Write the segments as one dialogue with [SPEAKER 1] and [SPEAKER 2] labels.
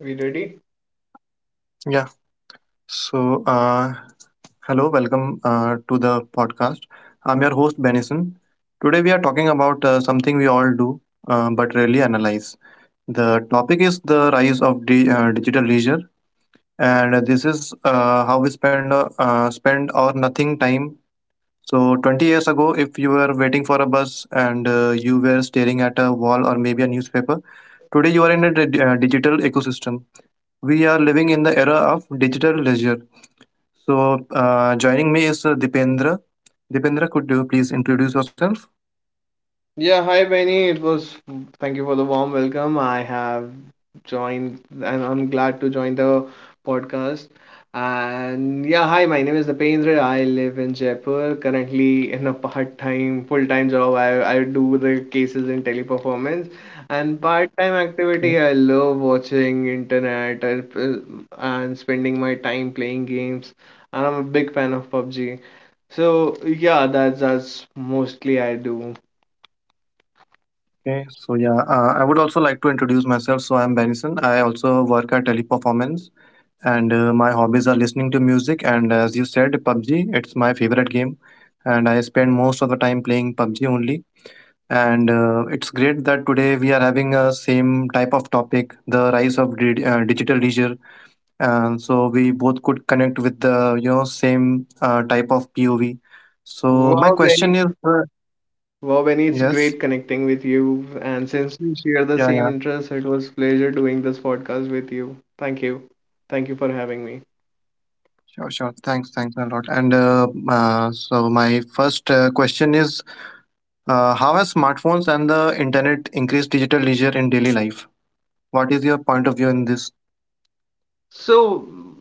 [SPEAKER 1] We ready?
[SPEAKER 2] Yeah. So, uh, Hello, welcome to the podcast. I'm your host, Benison. Today, we are talking about something we all do but rarely analyze. The topic is the rise of digital leisure, and this is how we spend spend our nothing time. So, 20 years ago, if you were waiting for a bus and you were staring at a wall or maybe a newspaper, today you are in a digital ecosystem. We are living in the era of digital leisure so, joining me is Dipendra. Dipendra, could you please introduce yourself?
[SPEAKER 1] Yeah, hi Benny. It was Thank you for the warm welcome. I have joined and I'm glad to join the podcast. And yeah, hi, my name is Dipendra. I live in Jaipur, currently in a part-time, full-time job. I do the cases in Teleperformance and part-time
[SPEAKER 2] Okay.
[SPEAKER 1] activity. I love watching internet, and spending my time playing games. And I'm a big fan of PUBG. So yeah, that's mostly I do.
[SPEAKER 2] Okay, so, I would also like to introduce myself. So, I'm Benison. I also work at Teleperformance, and my hobbies are listening to music. And as you said, PUBG, it's my favorite game, and I spend most of the time playing PUBG only. And it's great that today we are having a same type of topic, the rise of digital leisure and so we both could connect with the same type of POV. So
[SPEAKER 1] Wow,
[SPEAKER 2] my
[SPEAKER 1] Benny.
[SPEAKER 2] question is,
[SPEAKER 1] Wow,
[SPEAKER 2] yes,
[SPEAKER 1] Benny, it's great connecting with you. And since we
[SPEAKER 2] yeah,
[SPEAKER 1] share
[SPEAKER 2] yeah,
[SPEAKER 1] the same interests, it was pleasure doing this podcast with you. Thank you. Thank you for having me.
[SPEAKER 2] sure, sure. Thanks, thanks a lot. And so my first question is, how has smartphones and the internet increased digital leisure in daily life? What is your point of view in this?
[SPEAKER 1] So,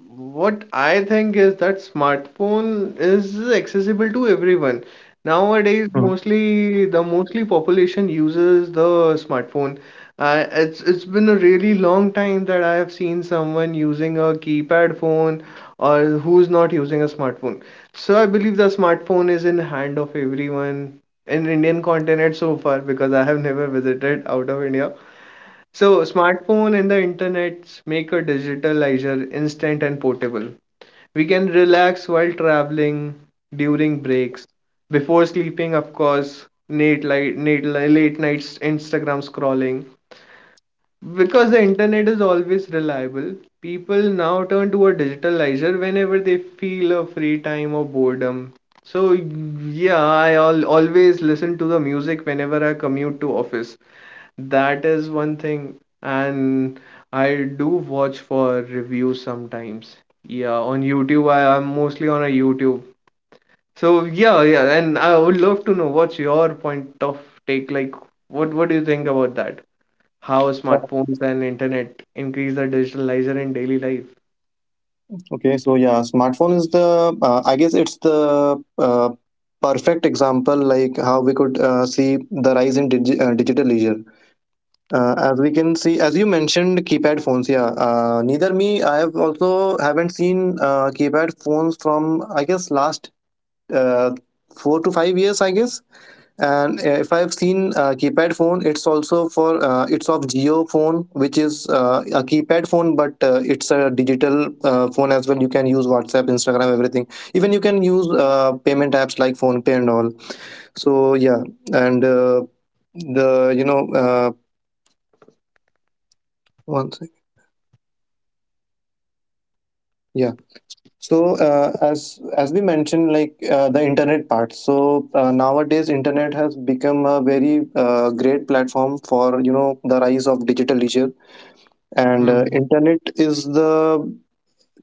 [SPEAKER 1] what I think is that smartphone is accessible to everyone. Nowadays,
[SPEAKER 2] Mhm.
[SPEAKER 1] mostly population uses the smartphone. It's been a really long time that I have seen someone using a keypad phone or who's not using a smartphone. So I believe the smartphone is in hand of everyone in Indian continent so far because I have never visited out of India. So, smartphone and the internet make a digital leisure instant and portable. We can relax while traveling, during breaks, before sleeping, of course, late nights Instagram scrolling. Because the internet is always reliable, people now turn to a digital leisure whenever they feel a free time or boredom. So yeah, I al always listen to the music whenever I commute to office. That is one thing, and I do watch for reviews sometimes. Yeah, on YouTube, I'm mostly on a YouTube. So yeah, yeah, and I would love to know what's your point of take. Like, what do you think about that? How
[SPEAKER 2] Yeah,
[SPEAKER 1] smartphones and internet increase the digital leisure in daily life?
[SPEAKER 2] Okay, so, smartphone is the I guess it's the perfect example, like how we could see the rise in digital leisure as we can see. As you mentioned keypad phones, yeah, neither me, I have also haven't seen keypad phones from I guess last uh, 4 to 5 years I guess. And if I have seen keypad phone, it's also for it's of Geo phone, which is a keypad phone but it's a digital phone as well. You can use WhatsApp, Instagram, everything. Even you can use payment apps like Phone Pay and all. So yeah. And the you know one second. So as we mentioned like the internet part, so nowadays internet has become a very great platform for the rise of digital leisure. And internet is the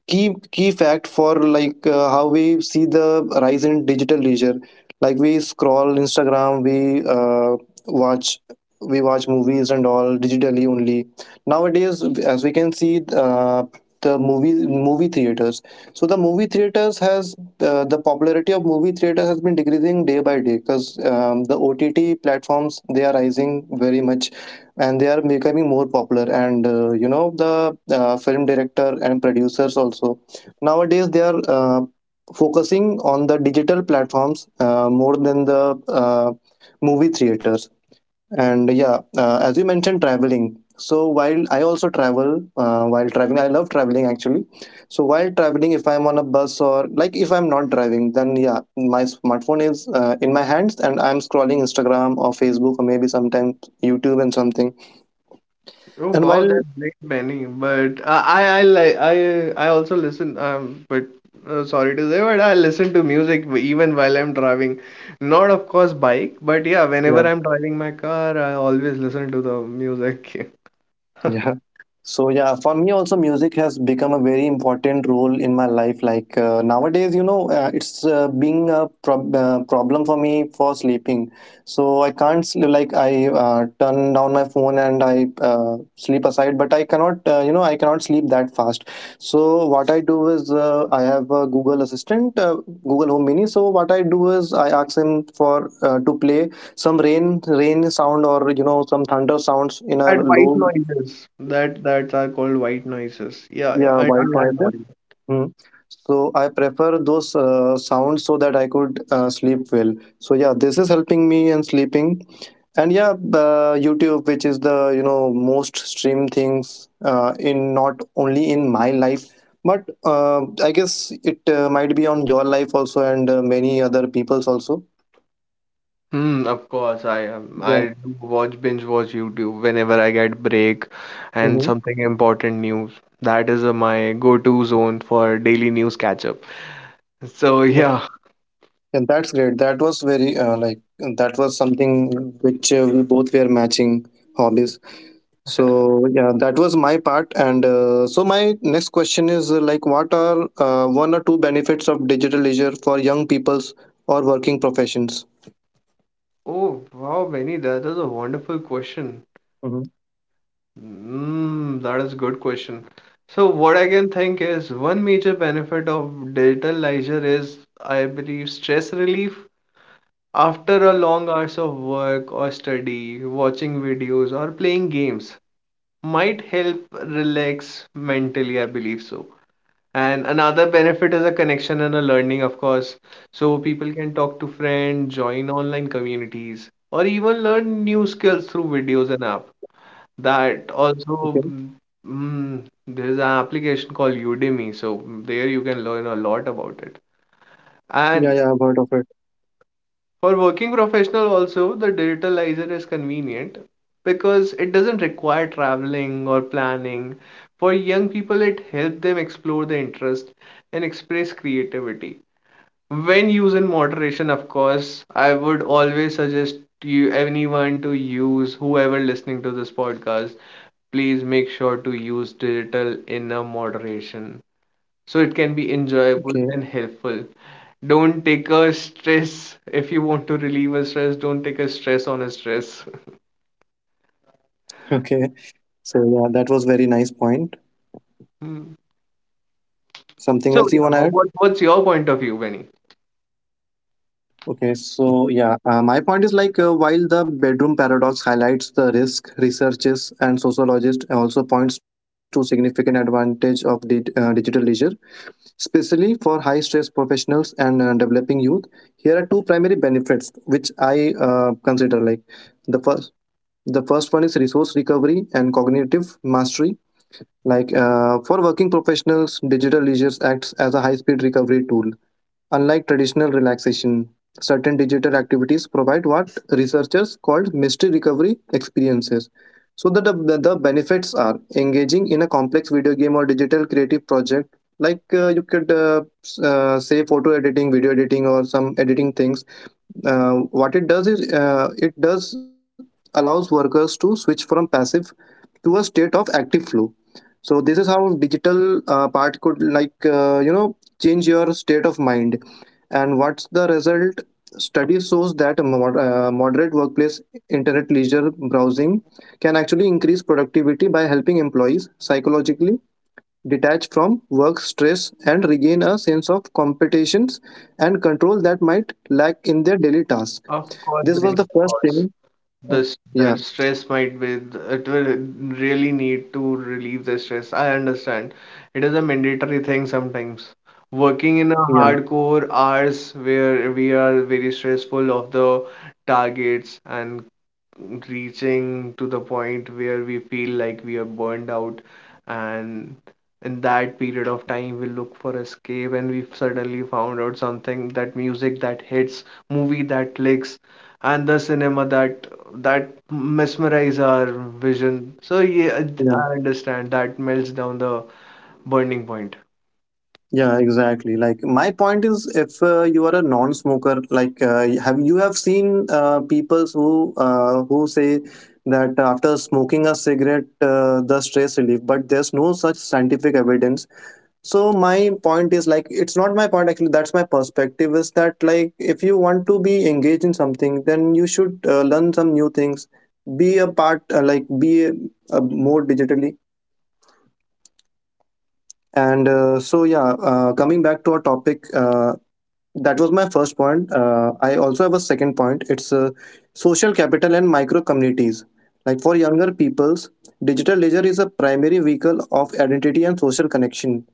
[SPEAKER 2] key fact for like how we see the rise in digital leisure. Like we scroll Instagram, we uh, watch watch movies and all digitally only nowadays. As we can see, the movie theaters, so the movie theaters has the popularity of movie theaters has been decreasing day by day because the OTT platforms, they are rising very much and they are becoming more popular. And you know the film director and producers also nowadays they are focusing on the digital platforms more than the movie theaters. And yeah, as you mentioned traveling, so while I also travel, while traveling, I love traveling actually. So while traveling, if I'm on a bus or like if I'm not driving, then yeah, my smartphone is in my hands and I'm scrolling Instagram or Facebook or maybe sometimes YouTube and something.
[SPEAKER 1] Oh
[SPEAKER 2] And
[SPEAKER 1] wow,
[SPEAKER 2] while
[SPEAKER 1] that's great, Benny. But I like I also listen. But sorry to say, but I listen to music even while I'm driving. Not of course bike, but yeah,
[SPEAKER 2] yeah,
[SPEAKER 1] whenever I'm driving my car, I always listen to the music.
[SPEAKER 2] Yeah. So yeah, for me also music has become a very important role in my life. Like nowadays, it's being a problem for me for sleeping. So I can't like I turn down my phone and I sleep aside, but I cannot, I cannot sleep that fast. So what I do is I have a Google Assistant, Google Home Mini. So what I do is I ask him for to play some rain sound or some thunder sounds in a
[SPEAKER 1] That white
[SPEAKER 2] low.
[SPEAKER 1] noises. That are called white noises. Yeah, yeah,
[SPEAKER 2] Yeah,
[SPEAKER 1] I I,
[SPEAKER 2] white
[SPEAKER 1] I know.
[SPEAKER 2] noises. Hmm. So I prefer those sounds so that I could sleep well. So yeah, this is helping me and sleeping. And yeah, YouTube, which is the most streamed things in, not only in my life, but I guess it might be on your life also and many other people's also.
[SPEAKER 1] Of course, I
[SPEAKER 2] Yeah.
[SPEAKER 1] do watch binge watch YouTube whenever I get break and
[SPEAKER 2] Mm-hmm.
[SPEAKER 1] something important news. That is my go-to zone for daily news catch-up. So
[SPEAKER 2] Yeah.
[SPEAKER 1] yeah.
[SPEAKER 2] Yeah, that's great. That was very like that was something which we both were matching hobbies. So yeah, that was my part. And so my next question is like, what are one or 2 benefits of digital leisure for young people's or working professions?
[SPEAKER 1] Oh wow, Benny, that is a wonderful question.
[SPEAKER 2] Hmm.
[SPEAKER 1] That is a good question. So what I can think is one major benefit of digital leisure is, I believe, stress relief. After a long hours of work or study, watching videos or playing games, might help relax mentally. I believe so. And another benefit is a connection and a learning, of course. So people can talk to friends, join online communities, or even learn new skills through videos and app. That
[SPEAKER 2] Okay.
[SPEAKER 1] also, mm, there's an application called Udemy, so there you can learn a lot about it.
[SPEAKER 2] Yeah, yeah, I've
[SPEAKER 1] And
[SPEAKER 2] heard of it.
[SPEAKER 1] for working professional also, the digitalizer is convenient because it doesn't require traveling or planning. For young people, it helps them explore the interest and express creativity. When used in moderation, of course, I would always suggest you anyone to use, whoever listening to this podcast, please make sure to use digital in a moderation so it can be
[SPEAKER 2] Okay.
[SPEAKER 1] enjoyable and helpful. Don't take a stress. If you want to relieve a stress, don't take a stress on a stress.
[SPEAKER 2] Okay. So yeah, that was very nice point.
[SPEAKER 1] Hmm.
[SPEAKER 2] Something
[SPEAKER 1] So,
[SPEAKER 2] else you
[SPEAKER 1] yeah,
[SPEAKER 2] wanna add?
[SPEAKER 1] what's your point of view, Benny?
[SPEAKER 2] Okay, so, my point is like while the bedroom paradox highlights the risk, researchers and sociologists also points to significant advantage of digital leisure, especially for high stress professionals and developing youth. Here are two primary benefits which I consider. Like the first, the first one is resource recovery and cognitive mastery. Like for working professionals, digital leisure acts as a high speed recovery tool. Unlike traditional relaxation, certain digital activities provide what researchers called mystery recovery experiences. So that the, the benefits are engaging in a complex video game or digital creative project, like you could say photo editing, video editing, or some editing things. Uh, what it does is it does allows workers to switch from passive to a state of active flow. So this is how digital part could like change your state of mind. And what's the result? Study shows that moderate workplace internet leisure browsing can actually increase productivity by helping employees psychologically detach from work stress and regain a sense of competitions and control that might lack in their daily tasks.
[SPEAKER 1] Of course,
[SPEAKER 2] This
[SPEAKER 1] Benny,
[SPEAKER 2] was the
[SPEAKER 1] of
[SPEAKER 2] first
[SPEAKER 1] course.
[SPEAKER 2] thing.
[SPEAKER 1] This
[SPEAKER 2] Yeah.
[SPEAKER 1] That stress might be, it will really need to relieve the stress. I understand. It is a mandatory thing sometimes. Working in a
[SPEAKER 2] Yeah.
[SPEAKER 1] hardcore hours where we are very stressful of the targets and reaching to the point where we feel like we are burned out. And in that period of time, we look for escape, and we suddenly found out something, that music that hits, movie that clicks, and the cinema that mesmerize our vision. So yeah,
[SPEAKER 2] Yeah.
[SPEAKER 1] I understand that melts down the burning point.
[SPEAKER 2] Yeah, exactly. Like my point is, if you are a non-smoker, like have you have seen people who say that after smoking a cigarette, the stress relief, but there's no such scientific evidence. So my point is, like, it's not my point actually. That's my perspective is that like if you want to be engaged in something, then you should learn some new things, be a part, be more digitally. And coming back to our topic, that was my first point. I also have a second point. It's social capital and micro communities. Like for younger peoples, digital leisure is a primary vehicle of identity and social connection.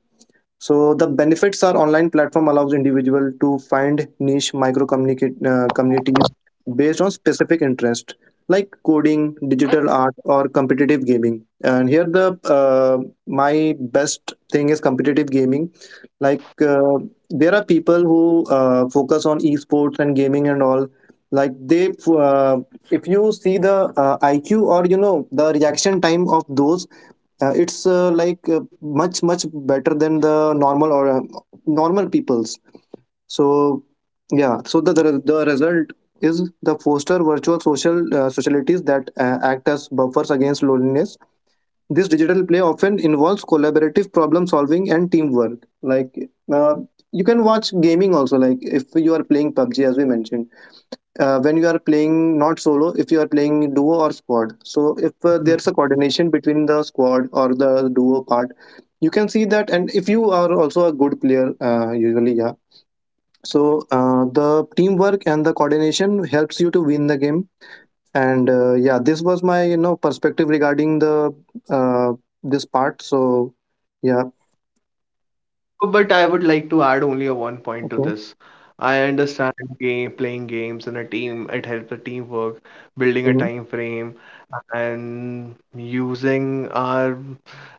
[SPEAKER 2] So the benefits are online platform allows individual to find niche micro communicate communities based on specific interest like coding, digital art, or competitive gaming. And here the my best thing is competitive gaming. Like there are people who focus on esports and gaming and all. Like they, uh, if you see the IQ or the reaction time of those it's like much much better than the normal or normal people's. So yeah, so the result is the foster virtual social socialities that act as buffers against loneliness. This digital play often involves collaborative problem solving and teamwork. Like uh, you can watch gaming also. Like if you are playing PUBG, as we mentioned, when you are playing not solo, if you are playing duo or squad, so if there's a coordination between the squad or the duo part, you can see that. And if you are also a good player, usually yeah. So the teamwork and the coordination helps you to win the game. And yeah, this was my perspective regarding the uh, this part. So yeah.
[SPEAKER 1] But I would like to add only a one point to this.
[SPEAKER 2] Okay.
[SPEAKER 1] I understand, game playing games in a team, it helps the teamwork, building a time
[SPEAKER 2] Mm-hmm.
[SPEAKER 1] frame, and using our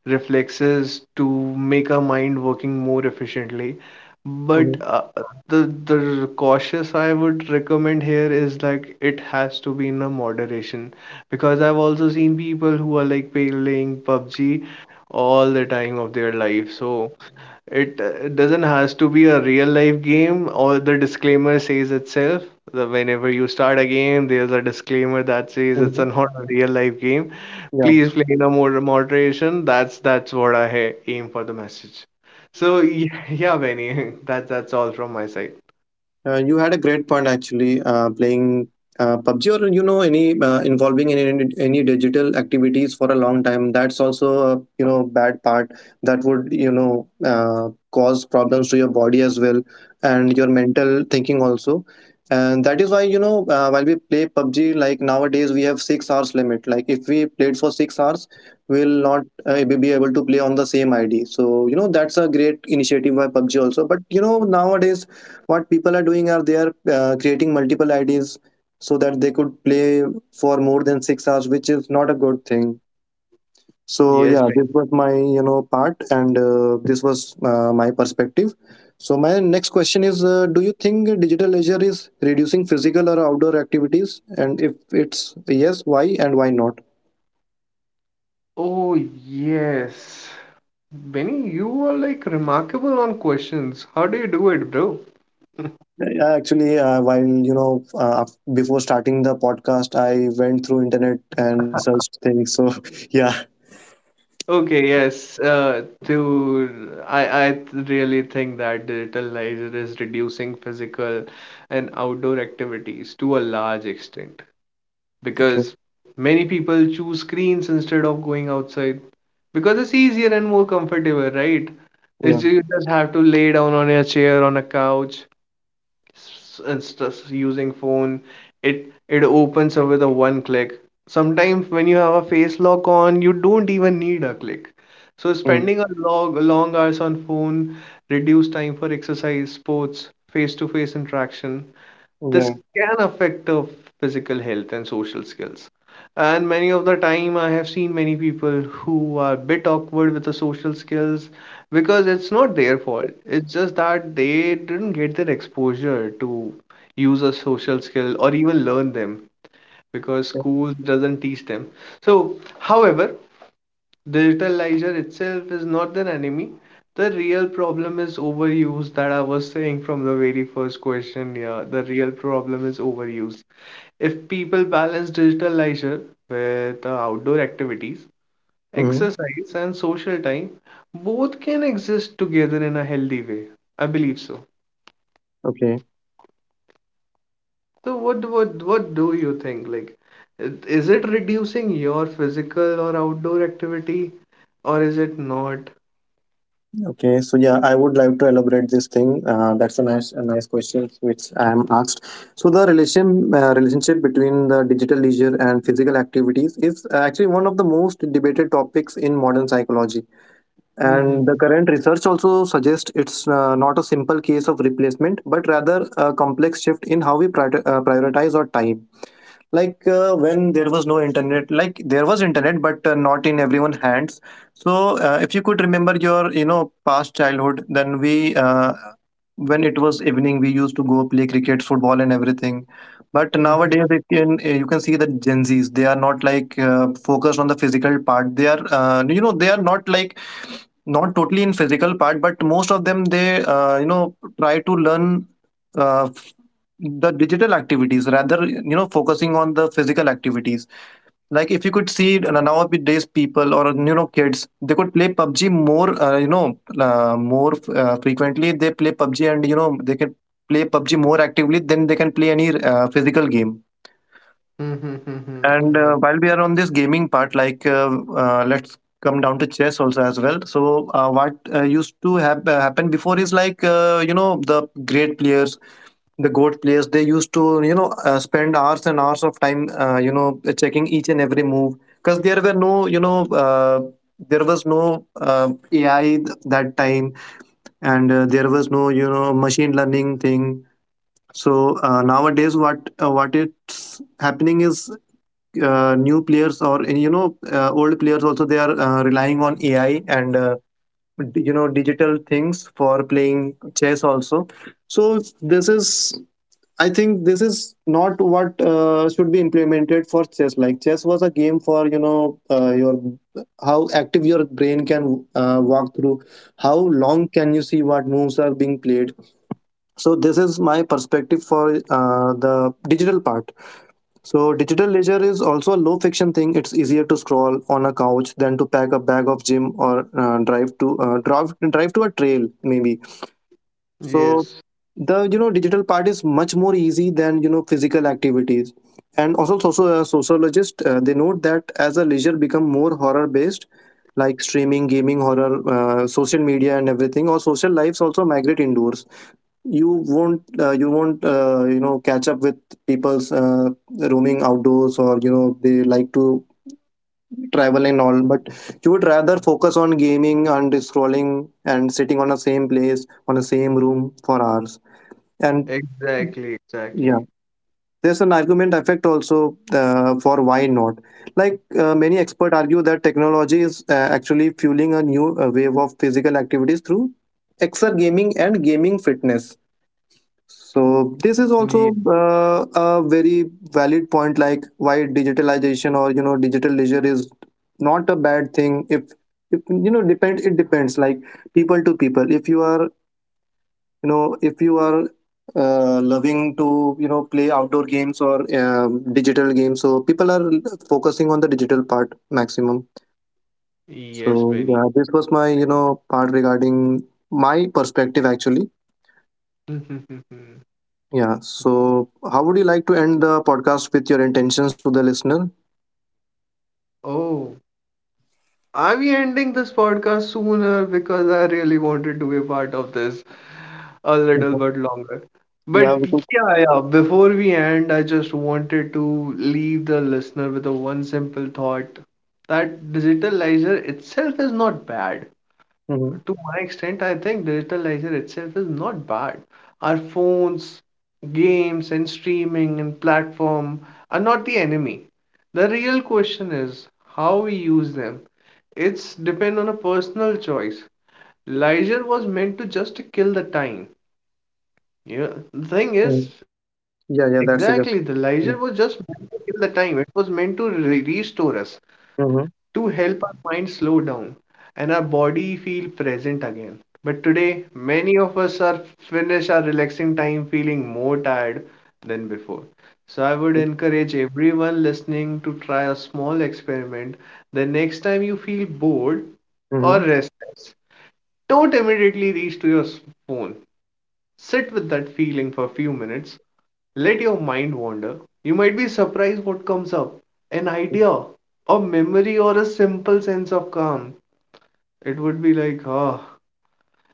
[SPEAKER 1] reflexes to make our mind working more efficiently. But
[SPEAKER 2] Mm.
[SPEAKER 1] the the cautious I would recommend here is, like, it has to be in a moderation because I've also seen people who are like playing PUBG all the time of their life. So it doesn't has to be a real life game, or the disclaimer says itself. The Whenever you start a game, there's a disclaimer that says it's a not a real life game.
[SPEAKER 2] Yeah.
[SPEAKER 1] Please play in a more moderation. That's what I aim for the message. So yeah, yeah, Benny, that's all from my side.
[SPEAKER 2] You had a great point actually. Playing PUBG or any involving in any digital activities for a long time, that's also a bad part that would cause problems to your body as well and your mental thinking also. And that is why while we play PUBG, like nowadays we have 6 hours limit. Like if we played for 6 hours, we'll not be able to play on the same ID. So that's a great initiative by PUBG also. But nowadays what people are doing are they are creating multiple IDs so that they could play for more than 6 hours, which is not a good thing. So
[SPEAKER 1] Yes,
[SPEAKER 2] yeah,
[SPEAKER 1] Benny.
[SPEAKER 2] this was my part, and this was my perspective. So my next question is: do you think digital leisure is reducing physical or outdoor activities? And if it's yes, why and why not?
[SPEAKER 1] Oh yes, Benny, you are like remarkable on questions. How do you do it, bro?
[SPEAKER 2] Yeah, actually, while you know, af- before starting the podcast, I went through internet and researched things. So yeah,
[SPEAKER 1] Okay, yes. To I I th- really think that digital leisure is reducing physical and outdoor activities to a large extent
[SPEAKER 2] okay,
[SPEAKER 1] because many people choose screens instead of going outside because it's easier and more comfortable, right?
[SPEAKER 2] yeah.
[SPEAKER 1] You just have to lay down on your chair on a couch. It's just using phone. It it opens up with a one click. Sometimes when you have a face lock on, you don't even need a click. So spending a long, long hours on phone reduce time for exercise, sports, face to face interaction. This
[SPEAKER 2] Yeah.
[SPEAKER 1] can affect physical health and social skills. And many of the time, I have seen many people who are a bit awkward with the social skills because it's not their fault. It's just that they didn't get their exposure to use a social skill or even learn them because school doesn't teach them. So, however, digitalizer itself is not their enemy. The real problem is overuse that I was saying from the very first question. Yeah, the real problem is overuse. If people balance digital leisure with outdoor activities,
[SPEAKER 2] Mm-hmm.
[SPEAKER 1] exercise, and social time, both can exist together in a healthy way. I believe so.
[SPEAKER 2] Okay.
[SPEAKER 1] So what do you think? Like, is it reducing your physical or outdoor activity, or is it not?
[SPEAKER 2] Okay. So yeah, I would like to elaborate this thing. That's a nice question which I am asked. So the relationship between the digital leisure and physical activities is actually one of the most debated topics in modern psychology. And the
[SPEAKER 1] Mm-hmm.
[SPEAKER 2] current research also suggests it's not a simple case of replacement, but rather a complex shift in how we prioritize our time. Like when there was no internet, like there was internet but not in everyone's hands. So if you could remember your you know past childhood, then we when it was evening, we used to go play cricket, football, and everything. But nowadays it can, you can see that gen z's, they are not like focused on the physical part. They are you know, they are not like not totally in physical part, but most of them, they you know, try to learn uh, the digital activities rather you know focusing on the physical activities. Like if you could see, nowadays people or you know kids, they could play PUBG more you know more frequently. They play PUBG, and you know they can play PUBG more actively than they can play any physical game.
[SPEAKER 1] Mm-hmm.
[SPEAKER 2] And while we are on this gaming part, let's come down to chess also as well. So what used to happen before is like, you know, the great players, the goat players, they used to you know spend hours and hours of time, you know, checking each and every move. Because there were no you know there was no uh, ai that time. And there was no you know machine learning thing. So, nowadays what it's happening is new players or you know old players also, they are relying on ai. And you know, digital things for playing chess also. So this is, I think this is not what should be implemented for chess. Like chess was a game for you know your how active your brain can walk through, how long can you see what moves are being played. So this is my perspective for the digital part. So digital leisure is also a low friction thing. It's easier to scroll on a couch than to pack a bag of gym or drive to a trail maybe. So
[SPEAKER 1] Yes,
[SPEAKER 2] the you know digital part is much more easy than you know physical activities. And also, also a sociologist, they note that as a leisure become more horror based, like streaming, gaming, horror, social media, and everything, or social lives also migrate indoors. You won't you know catch up with people's roaming outdoors, or you know they like to travel and all, but you would rather focus on gaming and scrolling and sitting on the same place on the same room for hours. And
[SPEAKER 1] exactly,
[SPEAKER 2] yeah,
[SPEAKER 1] exactly.
[SPEAKER 2] there's an argument effect also for why not. Like many experts argue that technology is actually fueling a new wave of physical activities through exergaming and gaming fitness. So
[SPEAKER 1] Ye-
[SPEAKER 2] this is also a very valid point, like why digitalization or you know digital leisure is not a bad thing. If you know depend it depends, like people to people. If you are you know if you are loving to you know play outdoor games or digital games, so people are focusing on the digital part maximum.
[SPEAKER 1] Yes,
[SPEAKER 2] So
[SPEAKER 1] Benny.
[SPEAKER 2] yeah, this was my you know part regarding my perspective actually.
[SPEAKER 1] Mm-hmm.
[SPEAKER 2] Yeah. So, how would you like to end the podcast with your intentions to the listener?
[SPEAKER 1] Oh, are we ending this podcast sooner? Because I really wanted to be a part of this a little
[SPEAKER 2] Mhm.
[SPEAKER 1] bit longer.
[SPEAKER 2] Yeah,
[SPEAKER 1] But
[SPEAKER 2] we could.
[SPEAKER 1] yeah, yeah, before we end, I just wanted to leave the listener with a one simple thought that digitalizer itself is not bad.
[SPEAKER 2] Mhm.
[SPEAKER 1] To my extent, I think digitalizer itself is not bad. Our phones, games, and streaming and platform are not the enemy. The real question is how we use them. It's depend on a personal choice. Leisure was meant to just to kill the time. You know, the thing
[SPEAKER 2] Mhm.
[SPEAKER 1] is, exactly,
[SPEAKER 2] Yeah,
[SPEAKER 1] the
[SPEAKER 2] yeah, that's a
[SPEAKER 1] leisure
[SPEAKER 2] good.
[SPEAKER 1] was just meant to kill the time. It was meant to re restore us, to
[SPEAKER 2] Mm-hmm.
[SPEAKER 1] help our mind slow down and our body feel present again. But today, many of us are finish our relaxing time feeling more tired than before. So I would encourage everyone listening to try a small experiment. The next time you feel bored or
[SPEAKER 2] Mm-hmm.
[SPEAKER 1] restless, don't immediately reach to your phone. Sit with that feeling for a few minutes, let your mind wander. You might be surprised what comes up. An idea, a memory, or a simple sense of calm. It would be like, ah.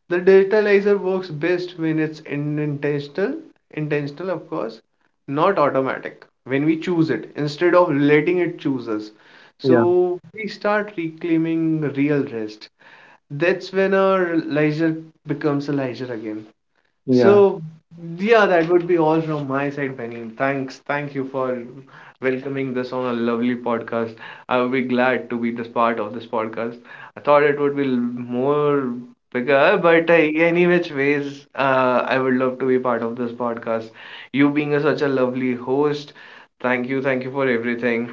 [SPEAKER 1] The digitalizer works best when it's intentional, of course, not automatic. When we choose it, instead of letting it choose us.
[SPEAKER 2] Yeah,
[SPEAKER 1] So we start reclaiming real rest. That's when our leisure becomes a leisure again.
[SPEAKER 2] yeah.
[SPEAKER 1] So, yeah, that would be all from my side, Penny. Thanks, thank you for welcoming this on a lovely podcast. I would be glad to be this part of this podcast. I thought it would be more bigger, but any which ways, I would love to be part of this podcast. You being such a lovely host, thank you for everything.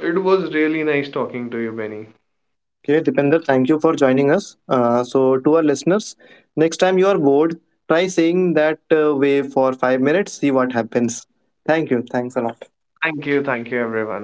[SPEAKER 1] It was really nice talking to you, Benny.
[SPEAKER 2] Okay, Dipender, thank you for joining us. So, to our listeners, next time you are bored, try saying that way for 5 minutes, see what happens. Thank you. Thanks a lot.
[SPEAKER 1] Thank you, everyone.